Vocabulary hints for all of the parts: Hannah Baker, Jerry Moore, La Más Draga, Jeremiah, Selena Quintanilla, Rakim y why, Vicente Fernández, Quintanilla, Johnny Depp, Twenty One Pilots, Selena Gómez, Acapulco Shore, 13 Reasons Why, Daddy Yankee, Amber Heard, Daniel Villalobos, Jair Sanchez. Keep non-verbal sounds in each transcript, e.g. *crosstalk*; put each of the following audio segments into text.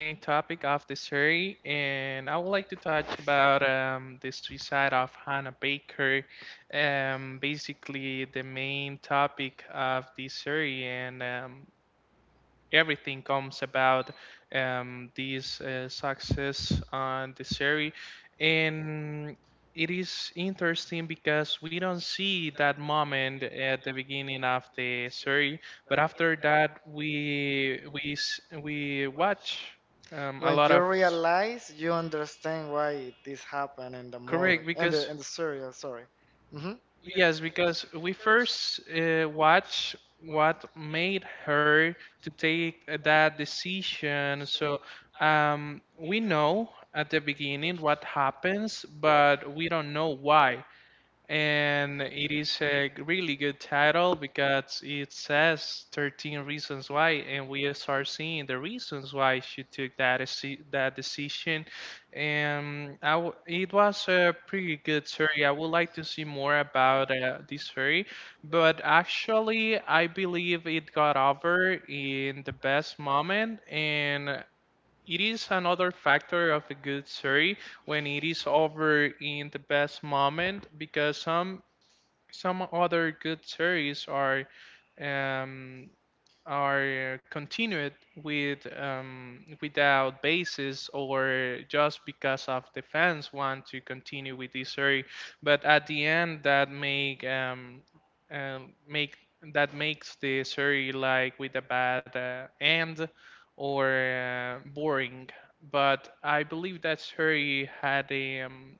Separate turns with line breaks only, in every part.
Main topic of the series, and I would like to touch about the suicide of Hannah Baker. Basically, the main topic of this series, and everything comes about this success on the series, and it is interesting because we don't see that moment at the beginning of the series, but after that we watch a
When
lot
you
of
realize, you understand why this happened in the
correct,
movie, in
because
the in the serial. Sorry. hmm
yes, because we first watch what made her to take that decision. So we know at the beginning what happens, but we don't know why, and it is a really good title because it says 13 reasons why, and we start seeing the reasons why she took that decision. And it was a pretty good story. I would like to see more about this story, but actually I believe it got over in the best moment, and it is another factor of a good series when it is over in the best moment, because some other good series um, are continued with without basis, or just because of the fans want to continue with this story, but at the end that um, make makes the story like with a bad end or boring. But I believe that story had a um,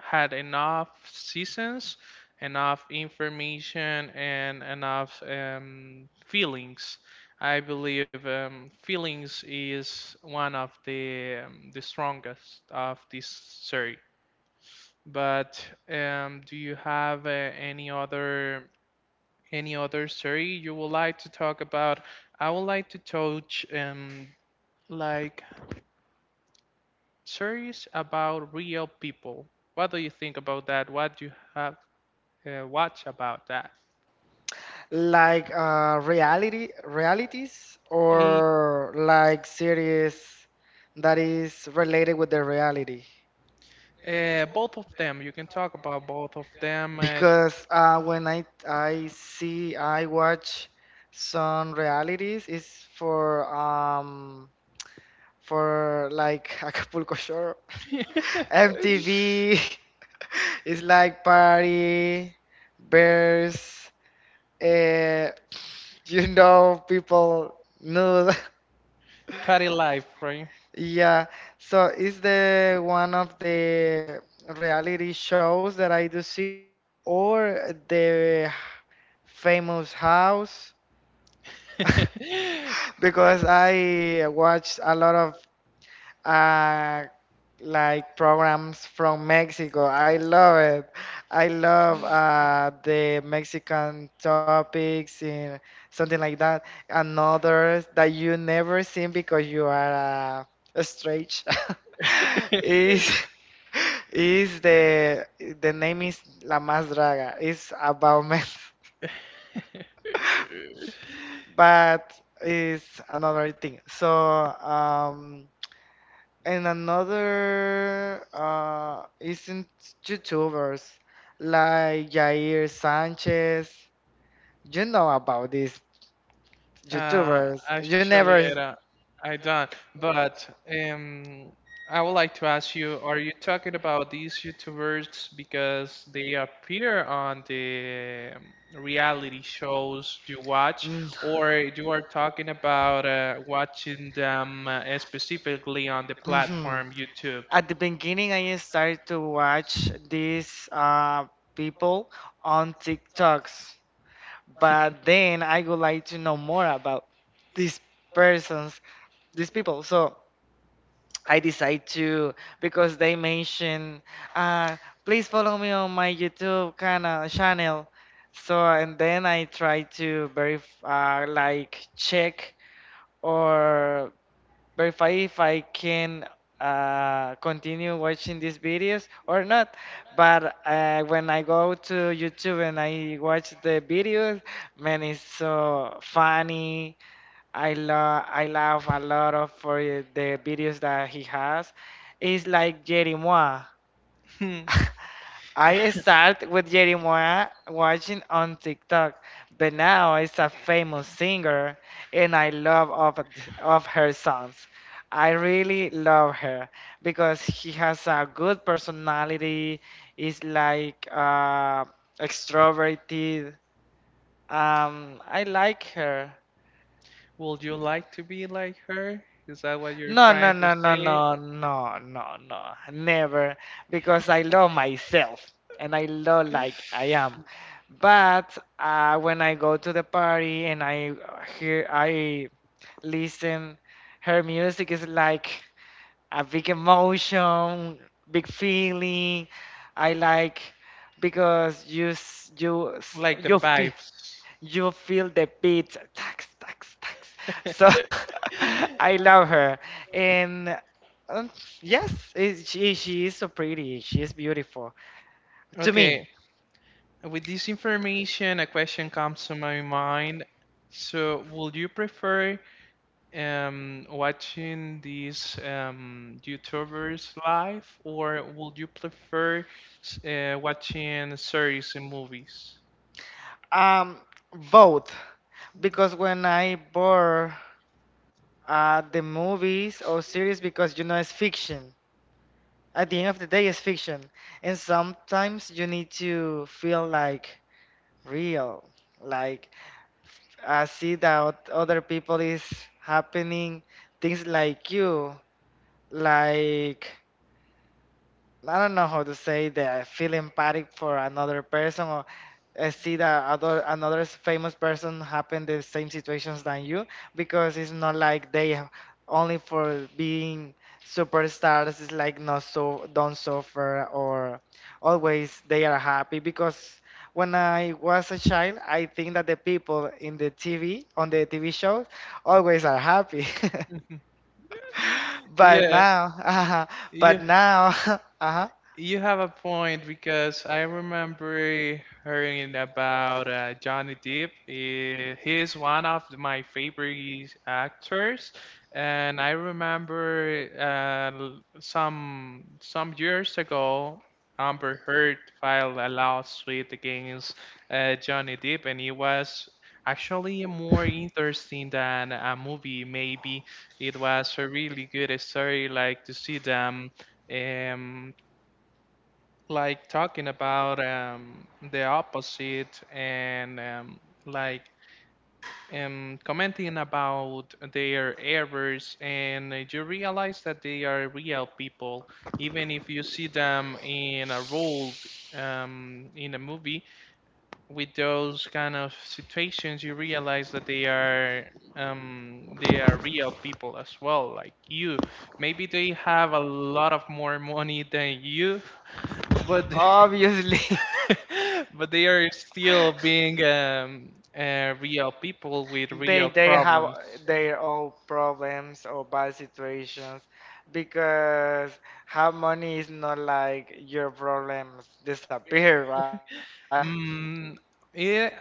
had enough seasons, enough information, and enough feelings. I believe feelings is one of the strongest of this series. But do you have any other series you would like to talk about? I would like to touch like series about real people. What do you think about that? What do you have watch about that?
Like reality realities,
It,
or like series that is related with the reality.
both of them. You can talk about both of them.
Because when I watch some realities, it's for like *laughs* Acapulco Shore.
*laughs*
MTV *laughs* is like party, bears, uh, *sniffs* people nude. *laughs*
Party life, right?
Yeah, so is the one of the reality shows that I do see, or the famous house? *laughs* Because I watch a lot of uh, like programs from Mexico. I love it. I love the Mexican topics and something like that, and others that you never seen because you are a strange. *laughs* is is the name is La Más Draga. It's about men, *laughs*
*laughs*
but it's another thing. So um. And another isn't YouTubers like Jair Sanchez. You know about these YouTubers. You
Actually, I
never.
don't. I don't. But I would like to ask you: are you talking about these YouTubers because they appear on the reality shows you watch,
Mm.
or you are talking about watching them specifically on the
Mhm.
platform YouTube?
At the beginning, I started to watch these people on TikToks. But then I would like to know more about these persons, these people. So I decide to because they mentioned, uh, please follow me on my YouTube kind of channel. So and then I try to verify, like check or but if I can continue watching these videos or not. But when I go to YouTube and I watch the videos, man, it's so funny. I laugh a lot of for the videos that he has. It's like Jerry Moore.
Hmm.
I
*laughs*
start with Jeremiah watching on TikTok, but now is a famous singer, and I love of her songs. I really love her because she has a good personality. Is like extroverted. I like her.
Would you like to be like her? Is that what you're
No, no,
trying to
no, no,
say?
no, no, no, no, never, because I love myself and I love like I am. But when I go to the party and I hear, I listen, her music is like a big emotion, big feeling. I like because you s- you s-
Like the
you feel
vibes?
you feel the beat. Tax tax tax. So
*laughs*
*laughs* I love her, and um, yes, it, she is so pretty. She is beautiful to me.
Okay, with this information, a question comes to my mind. So, would you prefer watching these YouTubers live, or would you prefer watching series and movies?
Um, Both because when I bore the movies or series because it's fiction. At the end of the day, it's fiction, and sometimes you need to feel like real, like I see that other people is happening things like you, like I don't know how to say that. I feel empathic for another person, or I see that other another famous person happen the same situations than you, because it's not like only for being superstars it's like not so don't suffer or always they are happy. Because when I was a child I think that the people in the TV on the TV shows always are happy *laughs*
*laughs*
but
Yeah,
now *laughs* but
yeah.
now *laughs* uh huh.
You have a point, because I remember hearing about Johnny Depp. He is one of my favorite actors, and I remember some years ago, Amber Heard filed a lawsuit against Johnny Depp, and it was actually more interesting than a movie. Maybe it was a really good story, like to see them. Um, like talking about the opposite, and like commenting about their errors, and you realize that they are real people, even if you see them in a role in a movie. With those kind of situations, you realize that they are. They are real people as well, like you. Maybe they have a lot of more money than you, *laughs* but
Obviously,
*laughs* but they are still being real people with
*laughs* they
real
they have
problems.
their own problems or bad situations, because how money is not like your problems disappear, right?
Mm,
*laughs*
yeah,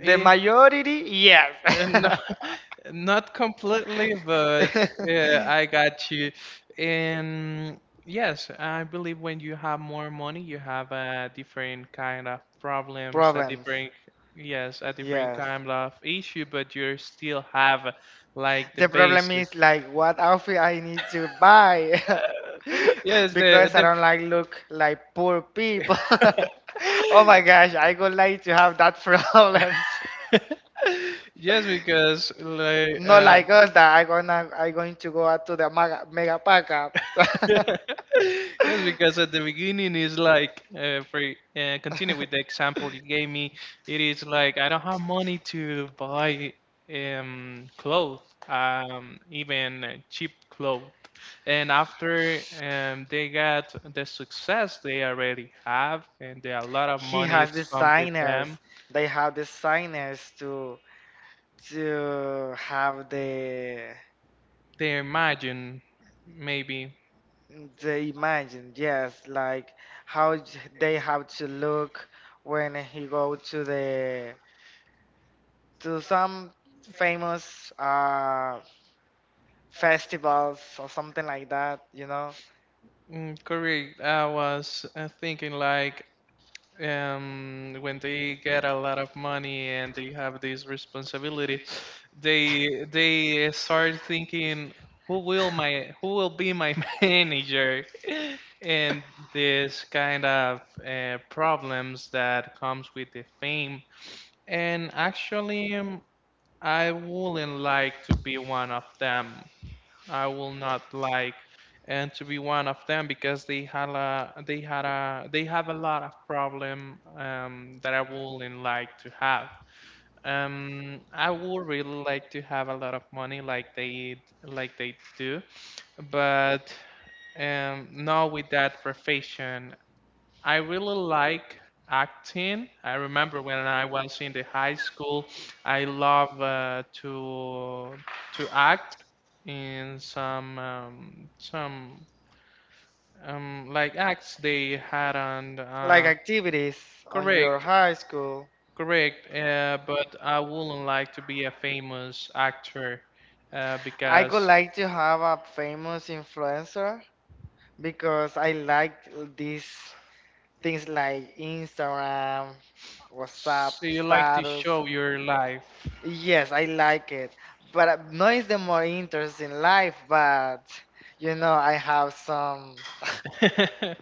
The
yeah,
majority, yes.
no,
*laughs*
*laughs* not completely, but I got you. And yes, I believe when you have more money, you have a different kind of problems, a
Problems,
different, yes, a different
yes.
kind of issue, but you still have like the
The problem
basis.
is like what outfit I need to buy, *laughs*
Yes, the
because I
the
don't like look like poor people. *laughs* Oh my gosh, I would like to have that problems.
*laughs* yes,
*laughs*
because like
Not like us, that I going to go out to the mega, mega pack up. *laughs*
*laughs* yes, because at the beginning is like, for continue with the example you gave me, it is like I don't have money to buy clothes, even cheap clothes. And after they got the success they already have, and there are a lot of
He
money
has
it's come with
designers.
them,
They have designers to have the
they imagine maybe.
the imagine. Yes, like how they have to look when he go to some famous festivals or something like that,
Mm, correct. I was thinking like when they get a lot of money and they have this responsibility, they start thinking, who will be my *laughs* manager? And this kind of problems that comes with the fame. And actually, I wouldn't like to be one of them. I will not like and to be one of them because they had a they had a they have a lot of problem that I wouldn't like to have. I would really like to have a lot of money like they do, but not with that profession. I really like acting. I remember when I was in the high school, I love to act in some like acts they had on
like activities on your
correct,
high school.
correct. But I wouldn't like to be a famous actor
I
because
would like to have a famous influencer because I like these things like Instagram, WhatsApp,
so you like to
status.
show your life.
Yes, I like it. But no is the more interest in life, but I have some
*laughs*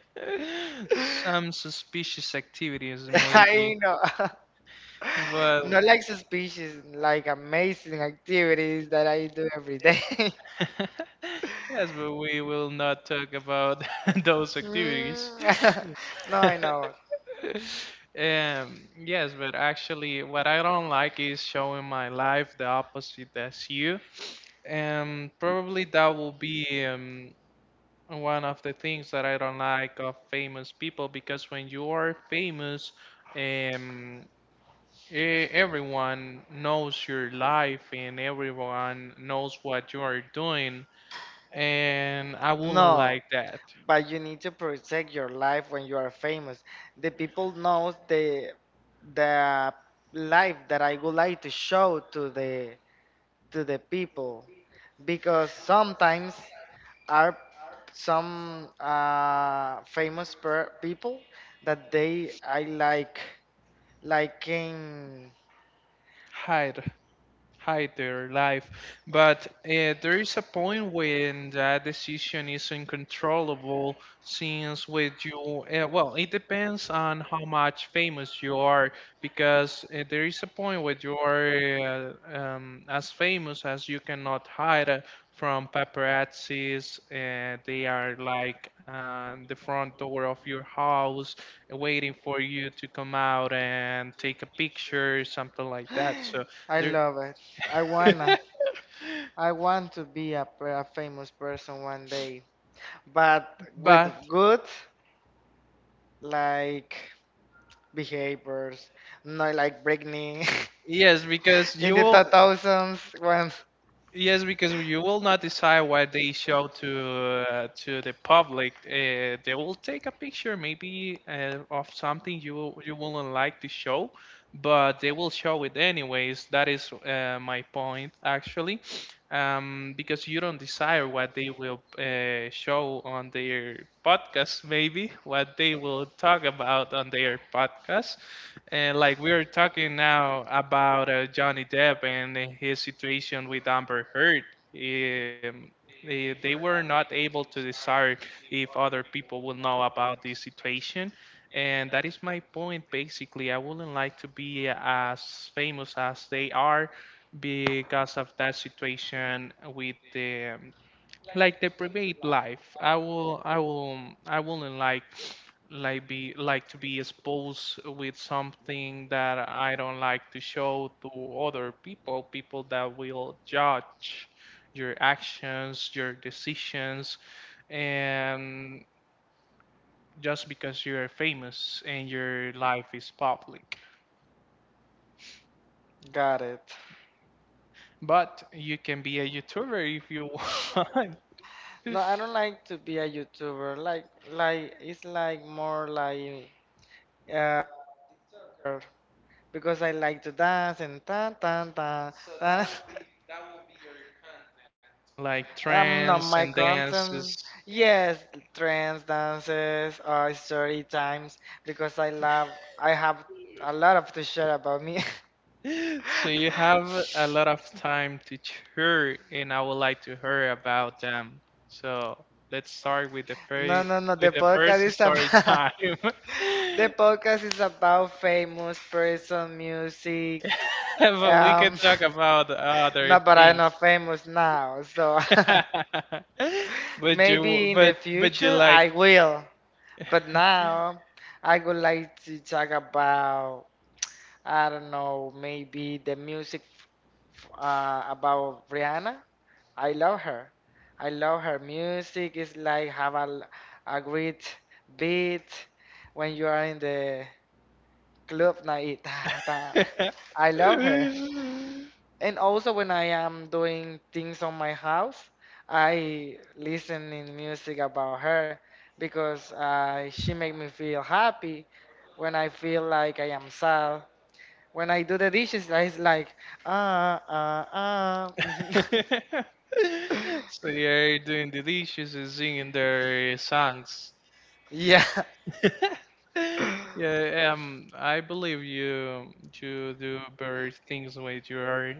*laughs*
Some suspicious activities, maybe,
I know
but
*laughs* *laughs* not like suspicious, like amazing activities that I do every day. *laughs*
*laughs* yes, but we will not talk about *laughs* those activities. *laughs*
Mm, *laughs* no, I know.
Yes, but actually, what I don't like is showing my life, the opposite as you. Probably that will be one of the things that I don't like of famous people, because when you are famous, um, Everyone knows your life, and everyone knows what you are doing, and I wouldn't
No,
like that.
but you need to protect your life when you are famous. The people knows the life that I would like to show to the people, because sometimes are some famous per people that they I like. Like in
Hide. Hide their life. But there is a point when that decision is uncontrollable, since with you, well, it depends on how much famous you are, because there is a point where you are as famous as you cannot hide from paparazzis. They are like the front door of your house, waiting for you to come out and take a picture, something like that.
So
So
I
there.
love it. I wanna.
*laughs*
I want to be a famous person one day, but with
But
good like behaviors, not like Britney
yes, because
*laughs* in the 2000s when
you will not decide what they show to the public. They will take a picture, maybe of something you wouldn't like to show, but they will show it anyways. That is my point actually, because you don't desire what they will show on their podcast, maybe what they will talk about on their podcast. And like we are talking now about Johnny Depp and his situation with Amber Heard, um, they were not able to decide if other people will know about this situation. And that is my point basically. I wouldn't like to be as famous as they are because of that situation with the private life. I wouldn't like be like to be exposed with something that I don't like to show to other people that will judge your actions, your decisions, and just because you're famous and your life is public.
got it.
But you can be a YouTuber if you *laughs* want,
No, I don't like to be a YouTuber. Like, it's like more like uh, because I like to dance and tan tan tan tan.
like
No, my
trends and
content,
dances.
yes, trends, dances, or story times, because I have a lot of to share about me. *laughs*
*laughs* So you have a lot of time to hear, and I would like to hear about them. So let's start with the
No,
first
no, no.
with
The
the first
podcast is
story
about
time.
*laughs* the
*laughs*
podcast is about famous person, music.
But we can
Um,
talk about
*laughs*
other
no, but I'm
things.
not famous now, so
*laughs*
*laughs*
But you,
maybe in the
but but you
future
like.
I will. But now I would like to talk about I don't know, maybe the music about Rihanna. I love her. I love her music. It's like have a great beat when you are in the club night. *laughs* Ta- I love her.
*laughs*
And also when I am doing things on my house, I listen in music about her because she make me feel happy when I feel like I am sad. When I do the dishes, I is like, ah, ah, ah. *laughs*
So you're doing the dishes and singing their songs.
Yeah, *laughs*
*laughs* Yeah, I believe you do better things when you are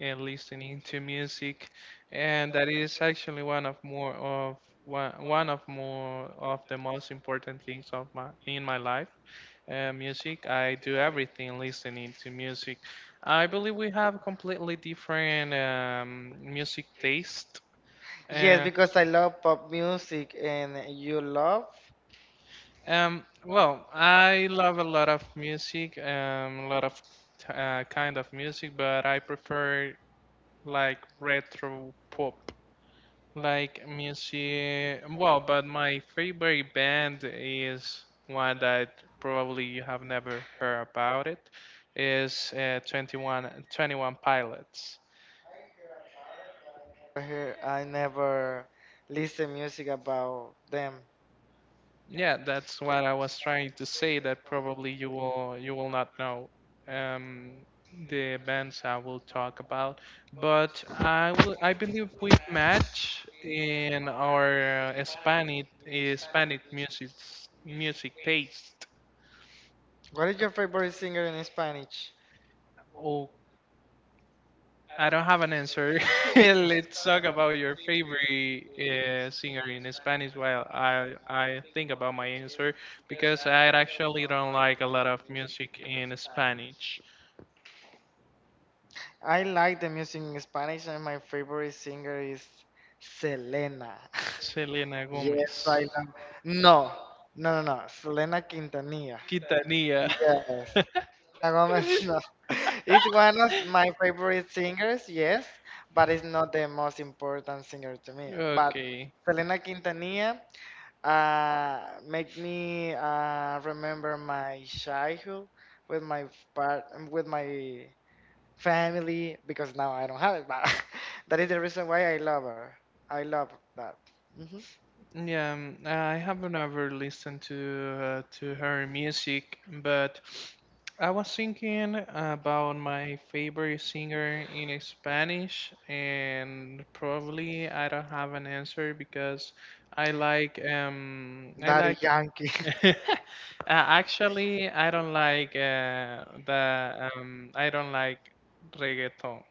and listening to music, and that is actually one of more of one one of more of the most important things of my in my life. Music, I do everything listening to music. I believe we have completely different music taste.
yes,
Uh,
because I love pop music and you love.
well, I love a lot of music, a lot of t- kind of music, but I prefer like retro pop, like music. Well, but my favorite band is one that probably you have never heard about it, is 21, twenty-one Pilots.
Here, I never listen music about them.
Yeah, that's what I was trying to say that probably you will not know um, the bands I will talk about, but I believe we match in our Hispanic music taste.
What is your favorite singer in Spanish?
Oh, I don't have an answer. *laughs* Let's talk about your favorite singer in Spanish while I think about my answer, because I actually don't like a lot of music in Spanish.
I like the music in Spanish, and my favorite singer is Selena. *laughs*
Selena
Yes,
Gómez.
I love. No, no, no, no. Selena Quintanilla.
Quintanilla.
Yes,
*laughs*
Selena Gomez, no. *laughs* It's one of my favorite singers, yes, but it's not the most important singer to me. But
Ok.
Selena Quintanilla uh, make me remember my childhood with my part with my family, because now I don't have it, but *laughs* that is the reason why I love her. I love that. hmm
Yeah, I haven't ever listened to to her music, but I was thinking about my favorite singer in Spanish, and probably I don't have an answer because I like um I
Daddy
like
Yankee. *laughs*
*laughs* Uh, actually I don't like reggaeton.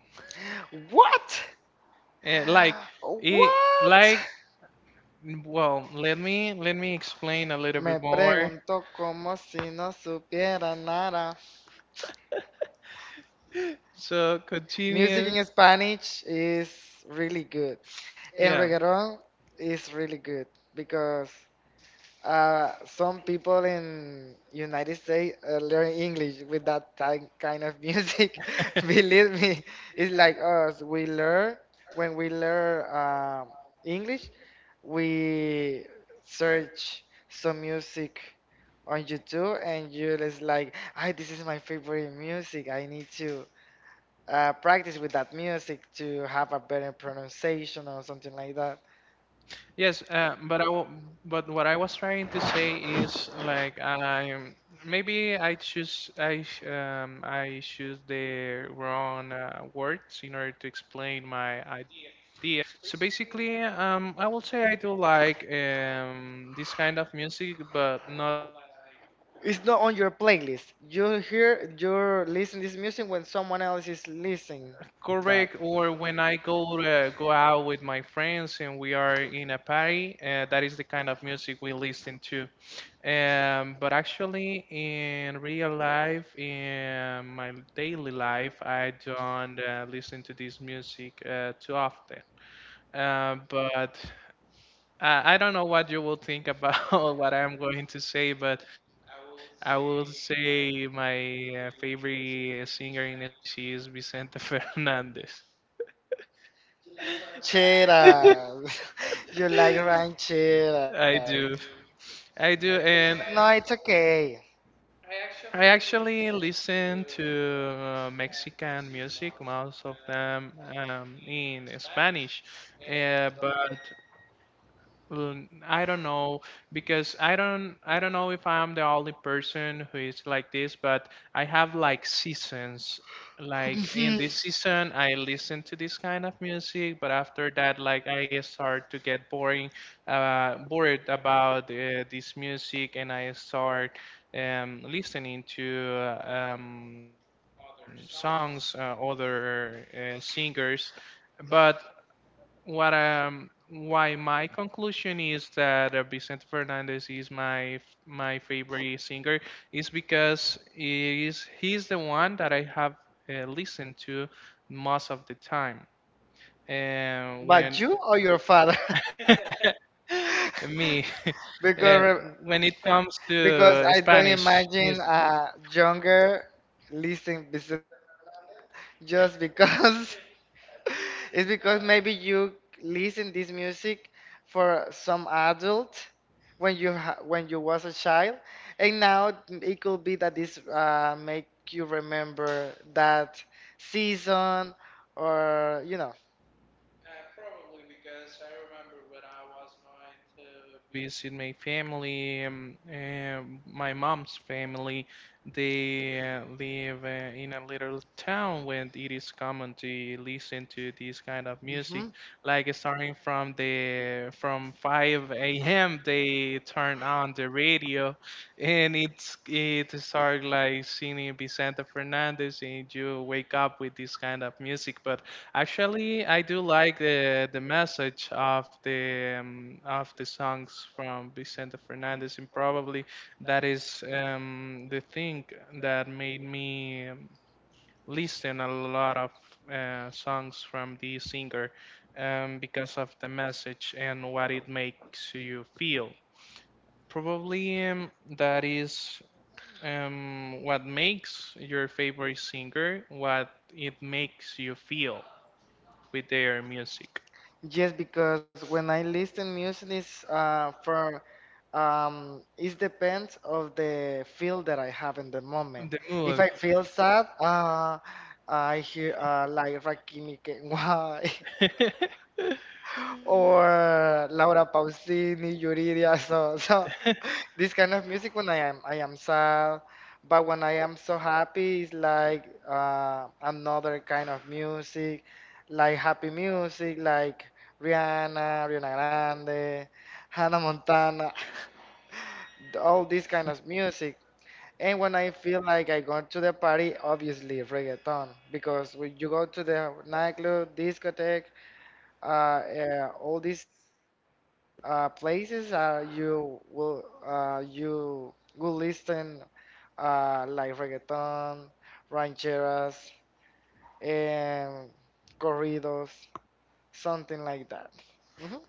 What?
Uh, like
*gasps*
it
What?
like Well, let me explain a little
Me
bit more.
pregunto como si no supiera nada.
So
Music here, in
continue.
here, Spanish is really good, and
Yeah.
reggaeton is really good, because some people in United States learn English with that kind of music. *laughs*
*laughs*
Believe me, it's like us. We learn When we learn English, we search some music on YouTube, and you're just like, "Hi, this is my favorite music. I need to practice with that music to have a better pronunciation or something like that."
Yes, but what I was trying to say is like I maybe I choose I sh- I choose the wrong words in order to explain my idea. So basically, I will say I do like this kind of music, but not.
It's not on your playlist. You hear, you're listening this music when someone else is listening that.
Correct, or when I go out with my friends and we are in a party, that is the kind of music we listen to. But actually, in real life, in my daily life, I don't listen to this music too often. But I don't know what you will think about *laughs* what I'm going to say, but I will say my favorite singer in Spanish is Vicente *laughs* Fernandez. *laughs*
Rancheras. *laughs* You like
I
rancheras.
do. I do.
Yeah. No,
And
it's okay.
I actually listen to Mexican music, most of them in Spanish. But Well, I don't know because I don't know if I'm the only person who is like this, but I have like seasons. Like
*laughs*
in this season, I listen to this kind of music, but after that, like I start to get bored about this music, and I start listening to other songs, other singers. But what why my conclusion is that Vicente Fernandez is my favorite singer, is because he's the one that I have listened to most of the time. And when
But you or your father? *laughs*
*laughs* me *laughs*
*laughs*
uh,
because
when it comes
because
to
I don't
Spanish
imagine
music.
a younger listening business just because *laughs* it's because maybe you listen this music for some adult when when you was a child, and now it could be that this make you remember that season or
Movies in my family. My mom's family, they live in a little town when it is common to listen to this kind of
hmm
music. Like starting from the from 5 a.m. they turn on the radio, and it start like singing Vicente Fernandez, and you wake up with this kind of music. But actually, I do like the message of the songs from Vicente Fernandez, and probably that is the thing that made me listen a lot of songs from the singer, because of the message and what it makes you feel. Probably that is what makes your favorite singer, what it makes you feel with their music.
Yes, because when I listen music is for it depends of the feel that I have in the moment.
The
If
mood.
I feel sad, I hear like Rakim y why? *laughs* or Laura Pausini, Yuridia. So, so,
*laughs*
*laughs* this kind of music when I am sad. But when I am so happy, it's like another kind of music, like happy music, like Rihanna, Rihanna Grande, Hannah Montana, *laughs* all this kind of music. And when I feel like I go to the party, obviously reggaeton, because when you go to the nightclub, discotheque, all these places, you will listen like reggaeton, rancheras, and corridos, something like that. Mhm.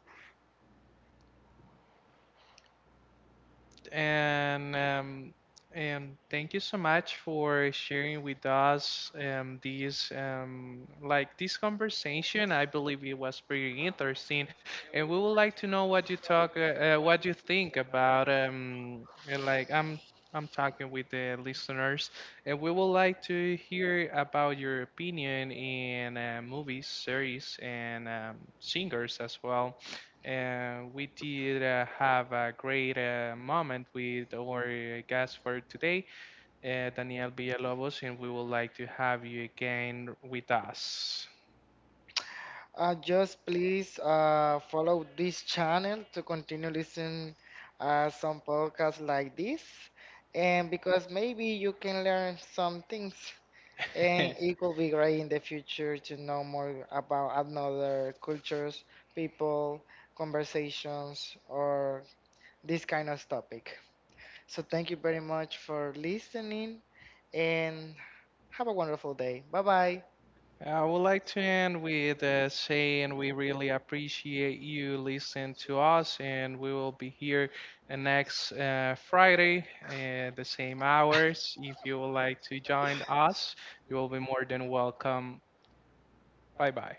and um, and thank you so much for sharing with us this like this conversation. I believe it was pretty interesting, and we would like to know what you think about and like I'm talking with the listeners, and we would like to hear about your opinion in movies, series, and singers as well. And we did have a great moment with our guest for today, Daniel Villalobos, and we would like to have you again with us.
Just please follow this channel to continue listening some podcasts like this, and because maybe you can learn some things. And it
*laughs*
will be great in the future to know more about another cultures, people, conversations, or this kind of topic. So thank you very much for listening and have a wonderful day. Bye bye.
I would like to end with saying we really appreciate you listening to us, and we will be here next Friday at the same hours. If you would like to join us, you will be more than welcome. Bye bye.